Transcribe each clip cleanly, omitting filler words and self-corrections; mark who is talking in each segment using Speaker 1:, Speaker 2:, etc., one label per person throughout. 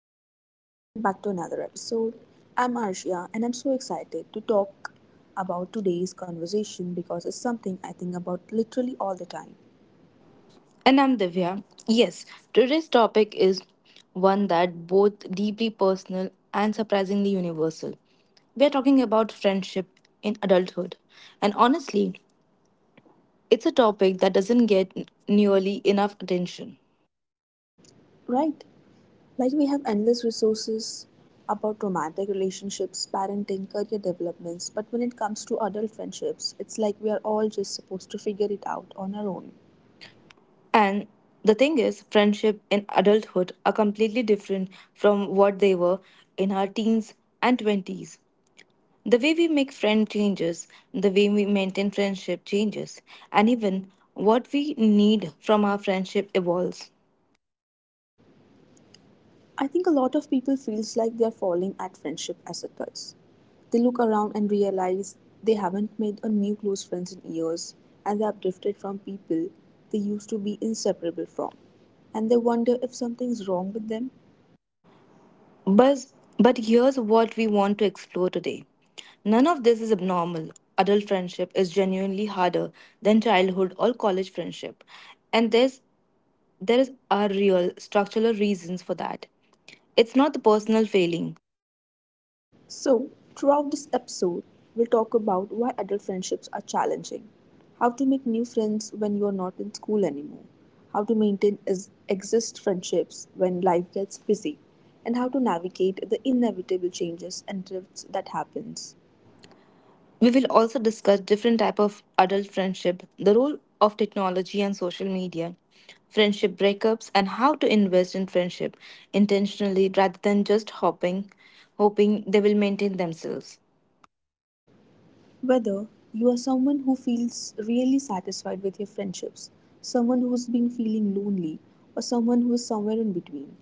Speaker 1: everyone, and welcome back to another episode. I'm Arshia, and I'm so excited to talk about today's conversation because it's something I think about literally all the time.
Speaker 2: And I'm Divya. Yes, today's topic is one that both deeply personal and surprisingly universal. We are talking about friendship in adulthood. And honestly, it's a topic that doesn't get nearly enough attention.
Speaker 1: Right? Like, we have endless resources about romantic relationships, parenting, career developments, but when it comes to adult friendships, it's like we are all just supposed to figure it out on our own.
Speaker 2: And the thing is, friendship in adulthood are completely different from what they were in our teens and 20s. The way we make friends changes, the way we maintain friendship changes, and even what we need from our friendship evolves.
Speaker 1: I think a lot of people feels like they're falling at friendship as adults. They look around and realize they haven't made a new close friends in years and they have drifted from people they used to be inseparable from. And they wonder if something's wrong with them.
Speaker 2: But, but here's what we want to explore today. None of this is abnormal. Adult friendship is genuinely harder than childhood or college friendship. And there's there is are real structural reasons for that. It's not the personal failing.
Speaker 1: So, throughout this episode, we'll talk about why adult friendships are challenging, how to make new friends when you are not in school anymore, how to maintain exist friendships when life gets busy, and how to navigate the inevitable changes and drifts that happens.
Speaker 2: We will also discuss different type of adult friendship, the role of technology and social media, friendship breakups and how to invest in friendship intentionally rather than just hopping hoping they will maintain themselves.
Speaker 1: Whether you are someone who feels really satisfied with your friendships, someone who's been feeling lonely, or someone who is somewhere in between,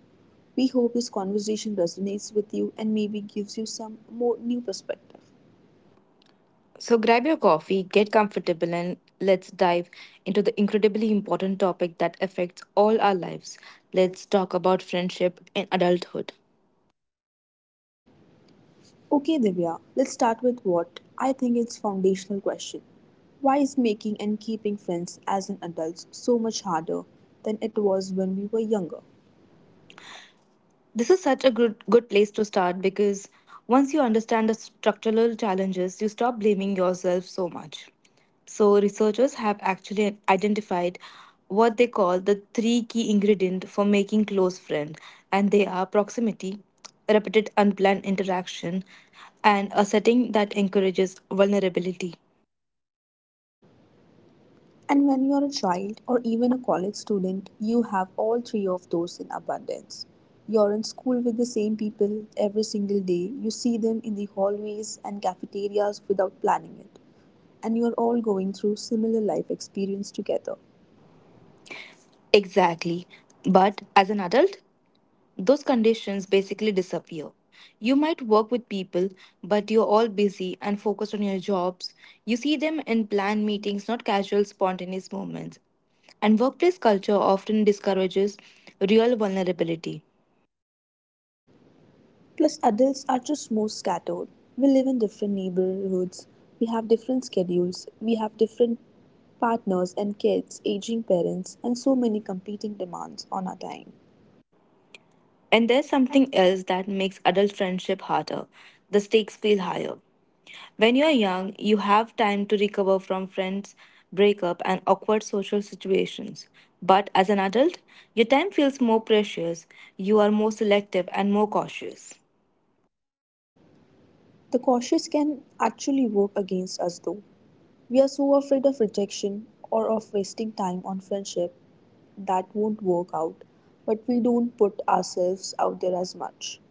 Speaker 1: we hope this conversation resonates with you and maybe gives you some more new perspective.
Speaker 2: So grab your coffee, get comfortable and let's dive into the incredibly important topic that affects all our lives. Let's talk about friendship in adulthood.
Speaker 1: Okay, Divya, let's start with what I think is foundational question. Why is making and keeping friends as an adult so much harder than it was when we were younger?
Speaker 2: This is such a good place to start because once you understand the structural challenges, you stop blaming yourself so much. So, researchers have actually identified what they call the three key ingredients for making close friends, and they are proximity, repeated unplanned interaction, and a setting that encourages vulnerability.
Speaker 1: And when you're a child or even a college student, you have all three of those in abundance. You're in school with the same people every single day. You see them in the hallways and cafeterias without planning it and you're all going through similar life experience together.
Speaker 2: Exactly. But as an adult, those conditions basically disappear. You might work with people, but you're all busy and focused on your jobs. You see them in planned meetings, not casual, spontaneous moments. And workplace culture often discourages real vulnerability.
Speaker 1: Plus, adults are just more scattered. We live in different neighborhoods, we have different schedules, we have different partners and kids, aging parents, and so many competing demands on our time.
Speaker 2: And there's something else that makes adult friendship harder. The stakes feel higher. When you're young, you have time to recover from friends, breakup, and awkward social situations. But as an adult, your time feels more precious, you are more selective and more cautious.
Speaker 1: The cautious can actually work against us though. We are so afraid of rejection or of wasting time on friendship that won't work out, but we don't put ourselves out there as much.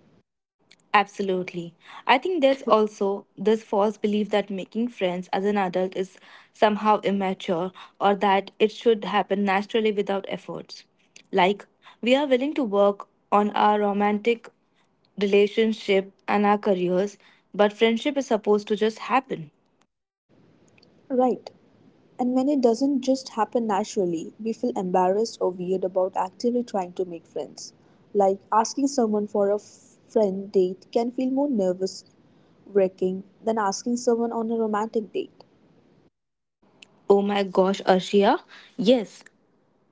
Speaker 2: Absolutely. I think there's also this false belief that making friends as an adult is somehow immature or that it should happen naturally without efforts. Like, we are willing to work on our romantic relationship and our careers, but friendship is supposed to just happen.
Speaker 1: Right. And when it doesn't just happen naturally, we feel embarrassed or weird about actively trying to make friends. Like asking someone for a friend date can feel more nervous wracking than asking someone on a romantic date.
Speaker 2: Oh my gosh, Arshia. Yes,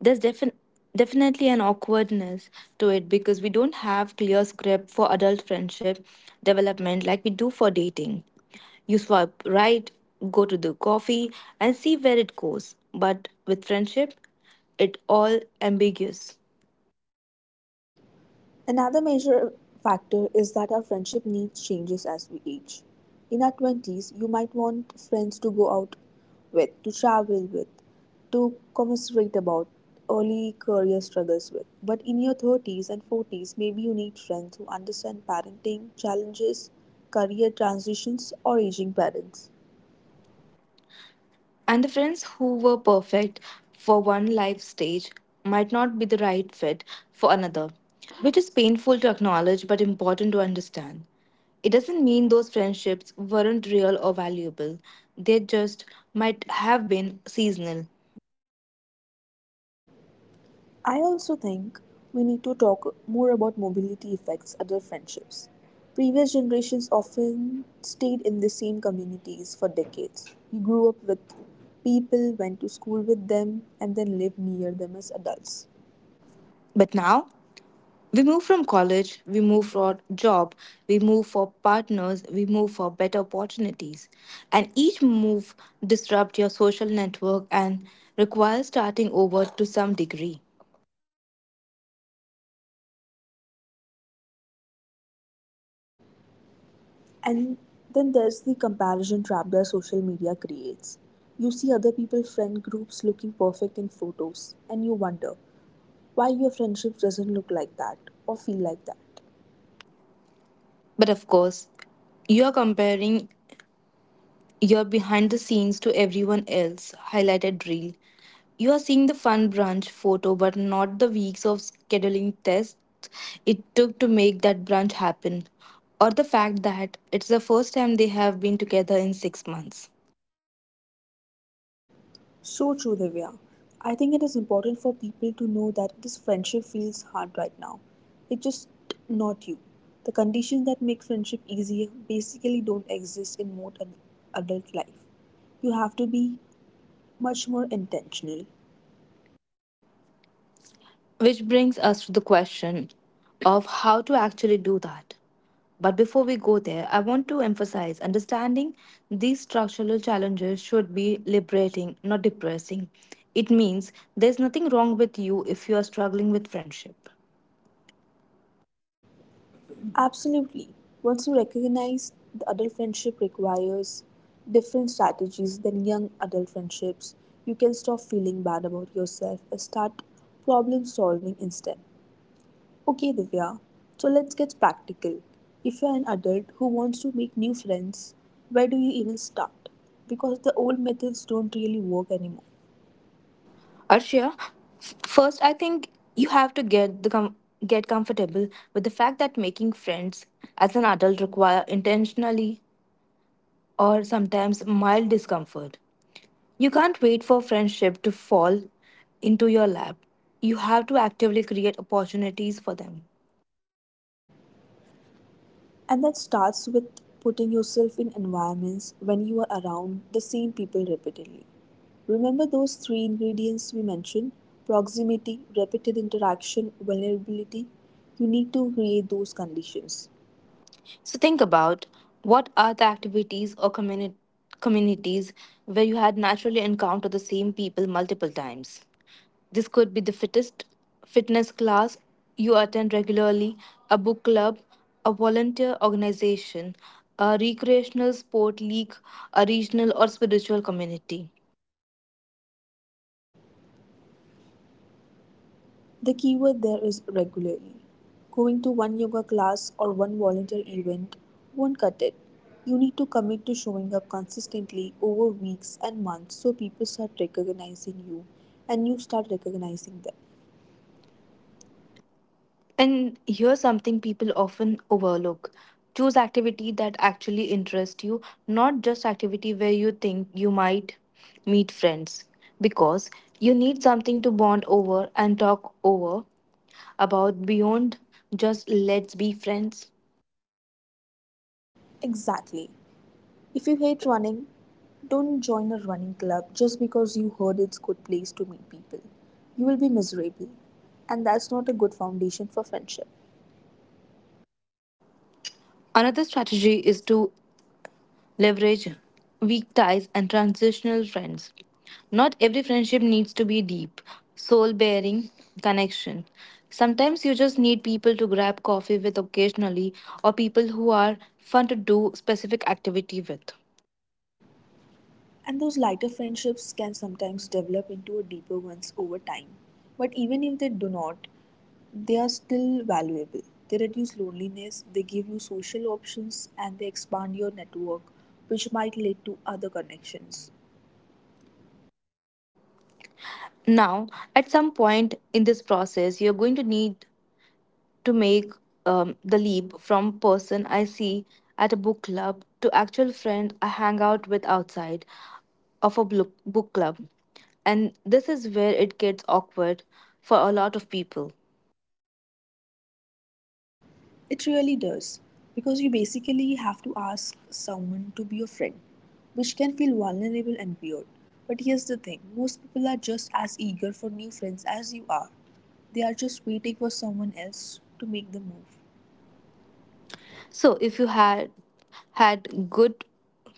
Speaker 2: there's defin- definitely an awkwardness to it because we don't have clear script for adult friendship development like we do for dating, you swipe right, go to the coffee and see where it goes, but with friendship it all ambiguous.
Speaker 1: Another major factor is that our friendship needs changes as we age. In our 20s, you might want friends to go out with, to travel with, to commiserate about early career struggles with. But in your 30s and 40s, maybe you need friends who understand parenting challenges, career transitions, or aging parents.
Speaker 2: And the friends who were perfect for one life stage might not be the right fit for another, which is painful to acknowledge but important to understand. It doesn't mean those friendships weren't real or valuable, they just might have been seasonal.
Speaker 1: I also think we need to talk more about mobility effects adult friendships. Previous generations often stayed in the same communities for decades. You grew up with people, went to school with them, and then lived near them as adults.
Speaker 2: But now, we move from college, we move for job, we move for partners, we move for better opportunities. And each move disrupts your social network and requires starting over to some degree.
Speaker 1: And then there's the comparison trap that social media creates. You see other people's friend groups looking perfect in photos, and you wonder why your friendship doesn't look like that or feel like that.
Speaker 2: But of course, you're comparing your behind the scenes to everyone else, highlighted reel. You are seeing the fun brunch photo, but not the weeks of scheduling tests it took to make that brunch happen, or the fact that it's the first time they have been together in six months.
Speaker 1: So true, Divya. I think it is important for people to know that this friendship feels hard right now. It's just not you. The conditions that make friendship easier basically don't exist in most adult life. You have to be much more intentional.
Speaker 2: Which brings us to the question of how to actually do that. But before we go there, I want to emphasize understanding these structural challenges should be liberating, not depressing. It means there's nothing wrong with you if you are struggling with friendship.
Speaker 1: Absolutely. Once you recognize the adult friendship requires different strategies than young adult friendships, you can stop feeling bad about yourself and start problem solving instead. Okay, Divya, so let's get practical. If you're an adult who wants to make new friends, where do you even start? Because the old methods don't really work anymore.
Speaker 2: Arshia, first I think you have to get comfortable with the fact that making friends as an adult require intentionally or sometimes mild discomfort. You can't wait for friendship to fall into your lap. You have to actively create opportunities for them.
Speaker 1: And that starts with putting yourself in environments when you are around the same people repeatedly. Remember those three ingredients we mentioned: proximity, repeated interaction, vulnerability? You need to create those conditions.
Speaker 2: So think about what are the activities or communities where you had naturally encountered the same people multiple times. This could be the fittest fitness class you attend regularly, a book club, a volunteer organization, a recreational sport league, a regional or spiritual community.
Speaker 1: The keyword there is regularly. Going to one yoga class or one volunteer event won't cut it. You need to commit to showing up consistently over weeks and months so people start recognizing you and you start recognizing them.
Speaker 2: And here's something people often overlook. Choose activity that actually interests you, not just activity where you think you might meet friends. Because you need something to bond over and talk over about beyond just let's be friends.
Speaker 1: Exactly. If you hate running, don't join a running club just because you heard it's a good place to meet people. You will be miserable and that's not a good foundation for friendship.
Speaker 2: Another strategy is to leverage weak ties and transitional friends. Not every friendship needs to be deep, soul bearing connection. Sometimes you just need people to grab coffee with occasionally or people who are fun to do specific activity with.
Speaker 1: And those lighter friendships can sometimes develop into a deeper ones over time. But even if they do not, they are still valuable. They reduce loneliness, they give you social options, and they expand your network, which might lead to other connections.
Speaker 2: Now, at some point in this process, you're going to need to make the leap from person I see at a book club to actual friend I hang out with outside. Book club. And this is where it gets awkward for a lot of people.
Speaker 1: It really does, because you basically have to ask someone to be your friend, which can feel vulnerable and weird. But here's the thing: most people are just as eager for new friends as you are. They are just waiting for someone else to make the move.
Speaker 2: So if you had good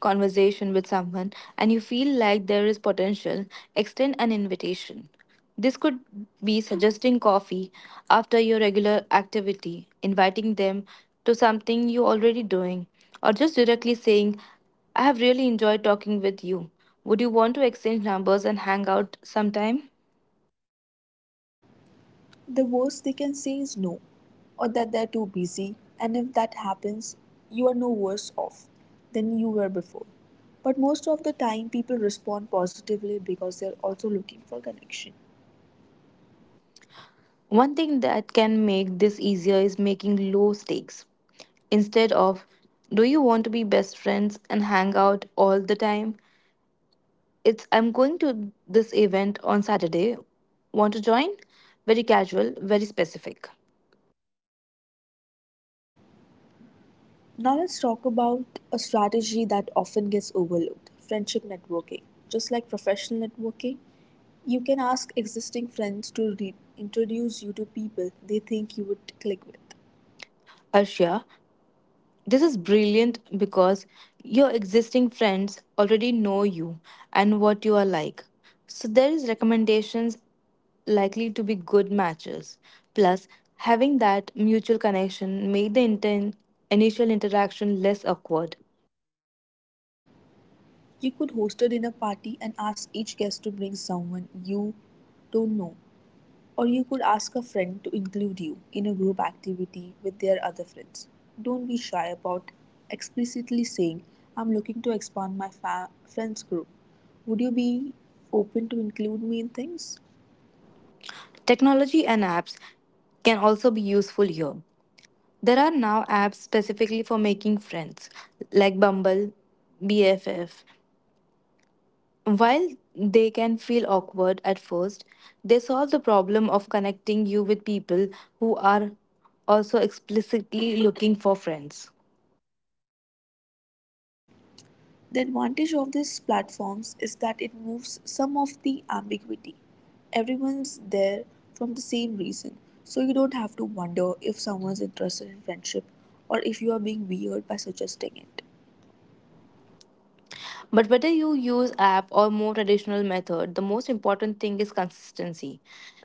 Speaker 2: conversation with someone and you feel like there is potential, extend an invitation. This could be suggesting coffee after your regular activity, inviting them to something you're already doing, or just directly saying, I have really enjoyed talking with you. Would you want to exchange numbers and hang out sometime?
Speaker 1: The worst they can say is no, or that they're too busy, and if that happens, you are no worse off than you were before. But most of the time, people respond positively because they're also looking for connection.
Speaker 2: One thing that can make this easier is making low stakes. Instead of, do you want to be best friends and hang out all the time? It's, I'm going to this event on Saturday. Want to join? Very casual, very specific.
Speaker 1: Now, let's talk about a strategy that often gets overlooked: friendship networking. Just like professional networking, you can ask existing friends to introduce you to people they think you would click with.
Speaker 2: Arshia, this is brilliant because your existing friends already know you and what you are like. So there is recommendations likely to be good matches. Plus, having that mutual connection made the initial interaction less awkward.
Speaker 1: You could host a dinner party and ask each guest to bring someone you don't know, or you could ask a friend to include you in a group activity with their other friends. Don't be shy about explicitly saying, I'm looking to expand my friends group. Would you be open to include me in things?
Speaker 2: Technology and apps can also be useful here. There are now apps specifically for making friends, like Bumble, BFF. While they can feel awkward at first, they solve the problem of connecting you with people who are also explicitly looking for friends.
Speaker 1: The advantage of these platforms is that it moves some of the ambiguity. Everyone's there from the same reason, so you don't have to wonder if someone's interested in friendship or if you are being weird by suggesting it.
Speaker 2: But whether you use app or more traditional method, the most important thing is consistency.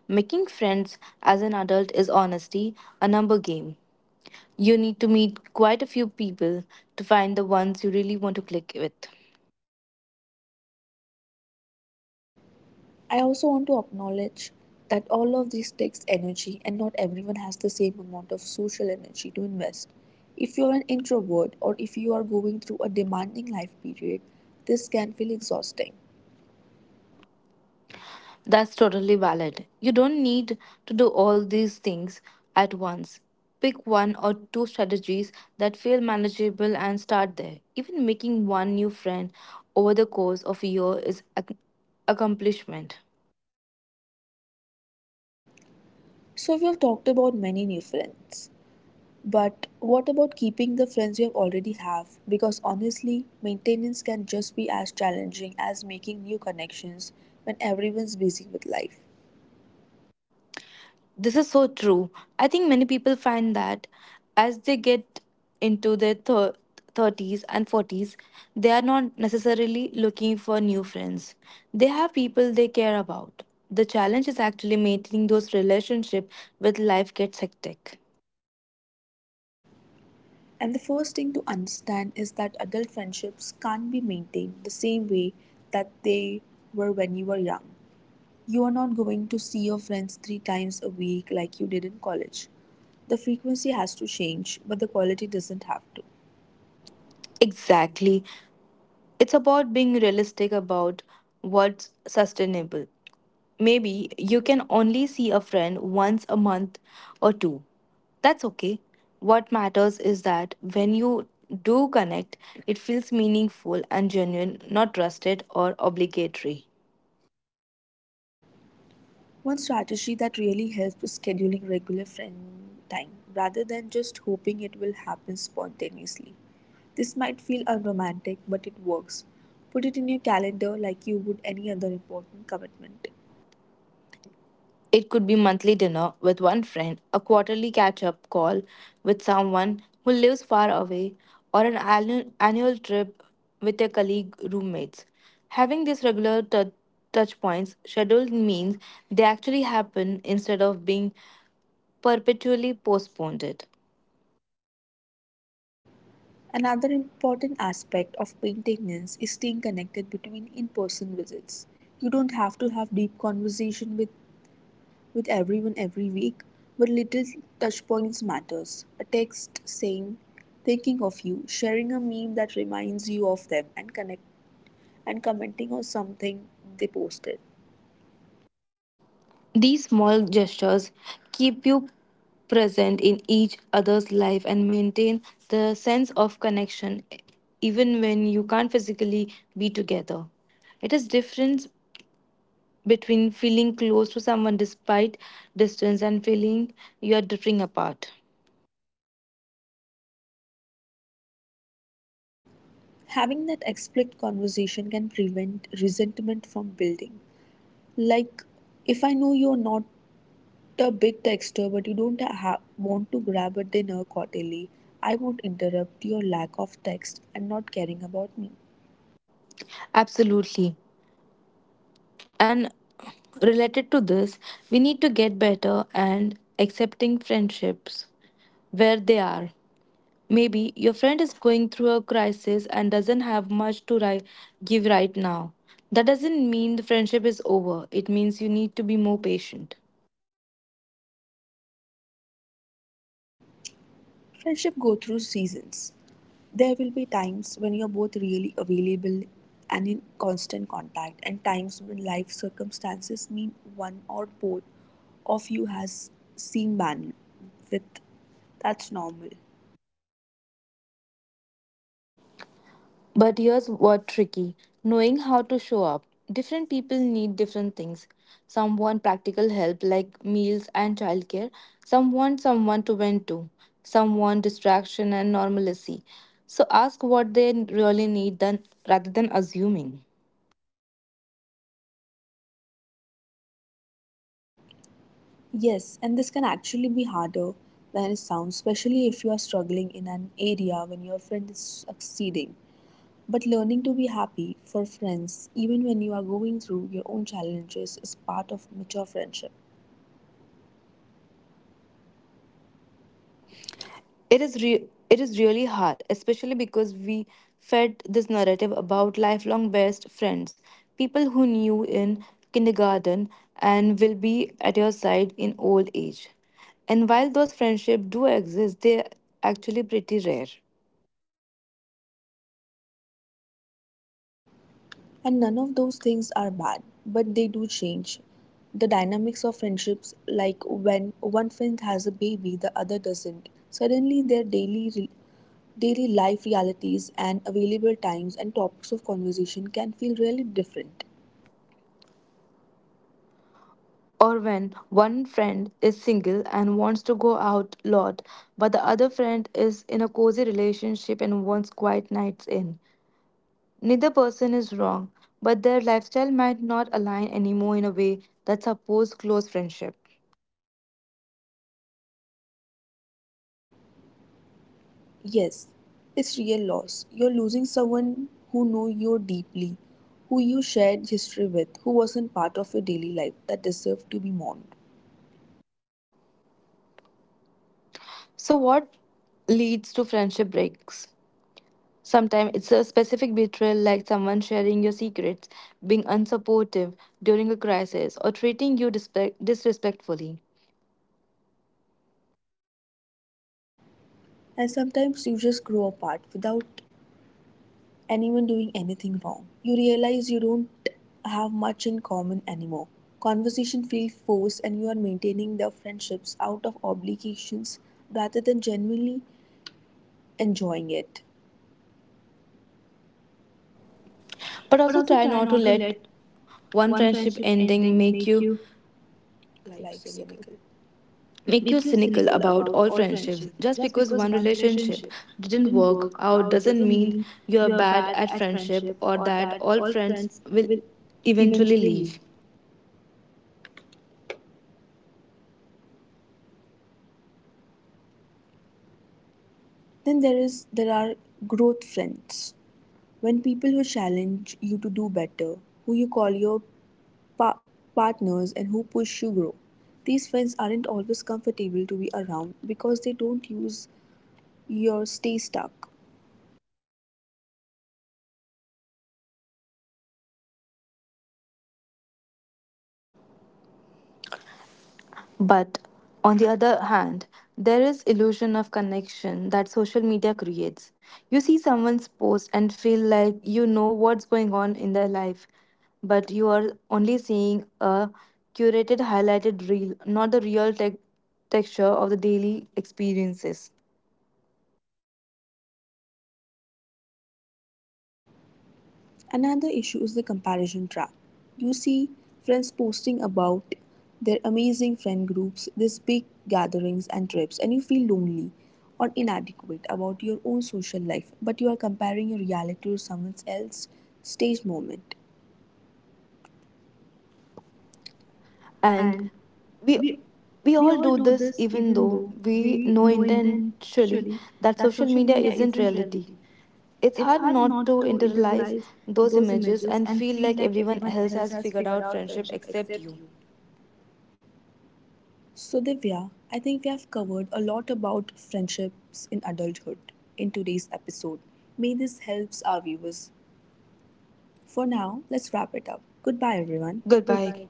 Speaker 2: Making friends as an adult is honesty, a number game. You need to meet quite a few people to find the ones you really want to click with.
Speaker 1: I also want to acknowledge that all of this takes energy and not everyone has the same amount of social energy to invest. If you're an introvert or if you are going through a demanding life period, this can feel exhausting.
Speaker 2: That's totally valid. You don't need to do all these things at once. Pick one or two strategies that feel manageable and start there. Even making one new friend over the course of a year is accomplishment.
Speaker 1: So, we have talked about many new friends. But what about keeping the friends you have already have? Because honestly, maintenance can just be as challenging as making new connections when everyone's busy with life.
Speaker 2: This is so true. I think many people find that as they get into their 30s and 40s, they are not necessarily looking for new friends. They have people they care about. The challenge is actually maintaining those relationships with life gets hectic.
Speaker 1: And the first thing to understand is that adult friendships can't be maintained the same way that they were when you were young. You are not going to see your friends three times a week like you did in college. The frequency has to change, but the quality doesn't have to.
Speaker 2: Exactly. It's about being realistic about what's sustainable. Maybe you can only see a friend once a month or two. That's okay. What matters is that when you do connect, it feels meaningful and genuine, not rusted or obligatory.
Speaker 1: One strategy that really helps is scheduling regular friend time rather than just hoping it will happen spontaneously. This might feel unromantic, but it works. Put it in your calendar like you would any other important commitment.
Speaker 2: It could be monthly dinner with one friend, a quarterly catch-up call with someone who lives far away, or an annual trip with your colleague roommates. Having these regular touch points scheduled means they actually happen instead of being perpetually postponed.
Speaker 1: Another important aspect of maintenance is staying connected between in person visits. You don't have to have deep conversation with everyone every week, but little touchpoints matters. A text saying thinking of you, sharing a meme that reminds you of them and connect and commenting on something they posted.
Speaker 2: These small gestures keep you present in each other's life and maintain the sense of connection even when you can't physically be together. It is difference between feeling close to someone despite distance and feeling you are drifting apart.
Speaker 1: Having that explicit conversation can prevent resentment from building. Like if I know you're not a big texter but you don't want to grab a dinner quarterly, I won't interrupt your lack of text and not caring about me.
Speaker 2: Absolutely. And related to this, we need to get better and accepting friendships where they are. Maybe your friend is going through a crisis and doesn't have much to give right now. That doesn't mean the friendship is over, it means you need to be more patient.
Speaker 1: Friendship go through seasons. There will be times when you're both really available and in constant contact and times when life circumstances mean one or both of you has seen bandwidth. That's normal.
Speaker 2: But here's what tricky, knowing how to show up. Different people need different things. Some want practical help like meals and childcare, some want someone to vent to, some want distraction and normalcy. So ask what they really need then rather than assuming.
Speaker 1: Yes, and this can actually be harder than it sounds, especially if you are struggling in an area when your friend is succeeding. But learning to be happy for friends, even when you are going through your own challenges, is part of mature friendship.
Speaker 2: It is re- it is really hard, especially because we fed this narrative about lifelong best friends, people who knew in kindergarten and will be at your side in old age. And while those friendships do exist, they're actually pretty rare.
Speaker 1: And none of those things are bad, but they do change the dynamics of friendships, like when one friend has a baby, the other doesn't. Suddenly, their daily life realities and available times and topics of conversation can feel really different.
Speaker 2: Or when one friend is single and wants to go out a lot, but the other friend is in a cozy relationship and wants quiet nights in. Neither person is wrong, but their lifestyle might not align anymore in a way that supports close friendship.
Speaker 1: Yes, it's real loss. You're losing someone who knew you deeply, who you shared history with, who wasn't part of your daily life that deserved to be mourned.
Speaker 2: So, what leads to friendship breaks? Sometimes it's a specific betrayal, like someone sharing your secrets, being unsupportive during a crisis, or treating you disrespectfully.
Speaker 1: And sometimes you just grow apart without anyone doing anything wrong. You realize you don't have much in common anymore. Conversation feels forced and you are maintaining the friendships out of obligations rather than genuinely enjoying it.
Speaker 2: But
Speaker 1: But
Speaker 2: also
Speaker 1: also
Speaker 2: try
Speaker 1: try
Speaker 2: not to
Speaker 1: not to
Speaker 2: let
Speaker 1: let
Speaker 2: one
Speaker 1: one friendship
Speaker 2: friendship
Speaker 1: ending
Speaker 2: ending
Speaker 1: make
Speaker 2: make
Speaker 1: you
Speaker 2: you life
Speaker 1: Life cynical.
Speaker 2: cynical.
Speaker 1: Make
Speaker 2: Make you
Speaker 1: you
Speaker 2: cynical
Speaker 1: cynical
Speaker 2: about
Speaker 1: about all
Speaker 2: all
Speaker 1: friendships.
Speaker 2: friendships. Just
Speaker 1: Just
Speaker 2: because
Speaker 1: because one
Speaker 2: one
Speaker 1: relationship
Speaker 2: relationship didn't
Speaker 1: didn't work
Speaker 2: work
Speaker 1: out
Speaker 2: out
Speaker 1: doesn't
Speaker 2: doesn't
Speaker 1: mean
Speaker 2: mean
Speaker 1: you're
Speaker 2: you're
Speaker 1: bad
Speaker 2: bad at
Speaker 1: at friendship
Speaker 2: friendship or
Speaker 1: or
Speaker 2: that
Speaker 1: that
Speaker 2: all
Speaker 1: all
Speaker 2: friends
Speaker 1: friends
Speaker 2: will
Speaker 1: will
Speaker 2: eventually
Speaker 1: eventually leave.
Speaker 2: leave.
Speaker 1: Then there are growth friends. When people who challenge you to do better, who you call your pa- partners and who push you grow. These friends aren't always comfortable to be around because they don't use your stay stuck.
Speaker 2: But on the other hand, there is illusion of connection that social media creates. You see someone's post and feel like you know what's going on in their life, but you are only seeing a curated highlighted reel, not the real texture of the daily experiences.
Speaker 1: Another issue is the comparison trap. You see friends posting about their amazing friend groups, these big gatherings and trips, and you feel lonely or inadequate about your own social life, but you are comparing your reality to someone else's stage moment.
Speaker 2: And
Speaker 1: And
Speaker 2: we
Speaker 1: we
Speaker 2: we
Speaker 1: we
Speaker 2: all
Speaker 1: all
Speaker 2: do
Speaker 1: do
Speaker 2: this
Speaker 1: this
Speaker 2: even
Speaker 1: even though
Speaker 2: though we
Speaker 1: we
Speaker 2: know
Speaker 1: know intentionally
Speaker 2: intentionally that
Speaker 1: that
Speaker 2: social
Speaker 1: social
Speaker 2: media
Speaker 1: media
Speaker 2: isn't
Speaker 1: isn't reality.
Speaker 2: reality. It's
Speaker 1: It's hard
Speaker 2: hard not
Speaker 1: not to
Speaker 2: to
Speaker 1: internalize
Speaker 2: internalize those
Speaker 1: those
Speaker 2: images
Speaker 1: images
Speaker 2: and
Speaker 1: and
Speaker 2: feel
Speaker 1: feel
Speaker 2: like
Speaker 1: like everyone
Speaker 2: everyone else
Speaker 1: else
Speaker 2: has
Speaker 1: has
Speaker 2: figured
Speaker 1: figured
Speaker 2: out
Speaker 1: out
Speaker 2: friendship
Speaker 1: friendship
Speaker 2: except
Speaker 1: except you.
Speaker 2: you.
Speaker 1: So, Divya, I think we have covered a lot about friendships in adulthood in today's episode. May this helps our viewers. For now, let's wrap it up. Goodbye, everyone.
Speaker 2: Goodbye.
Speaker 1: Goodbye.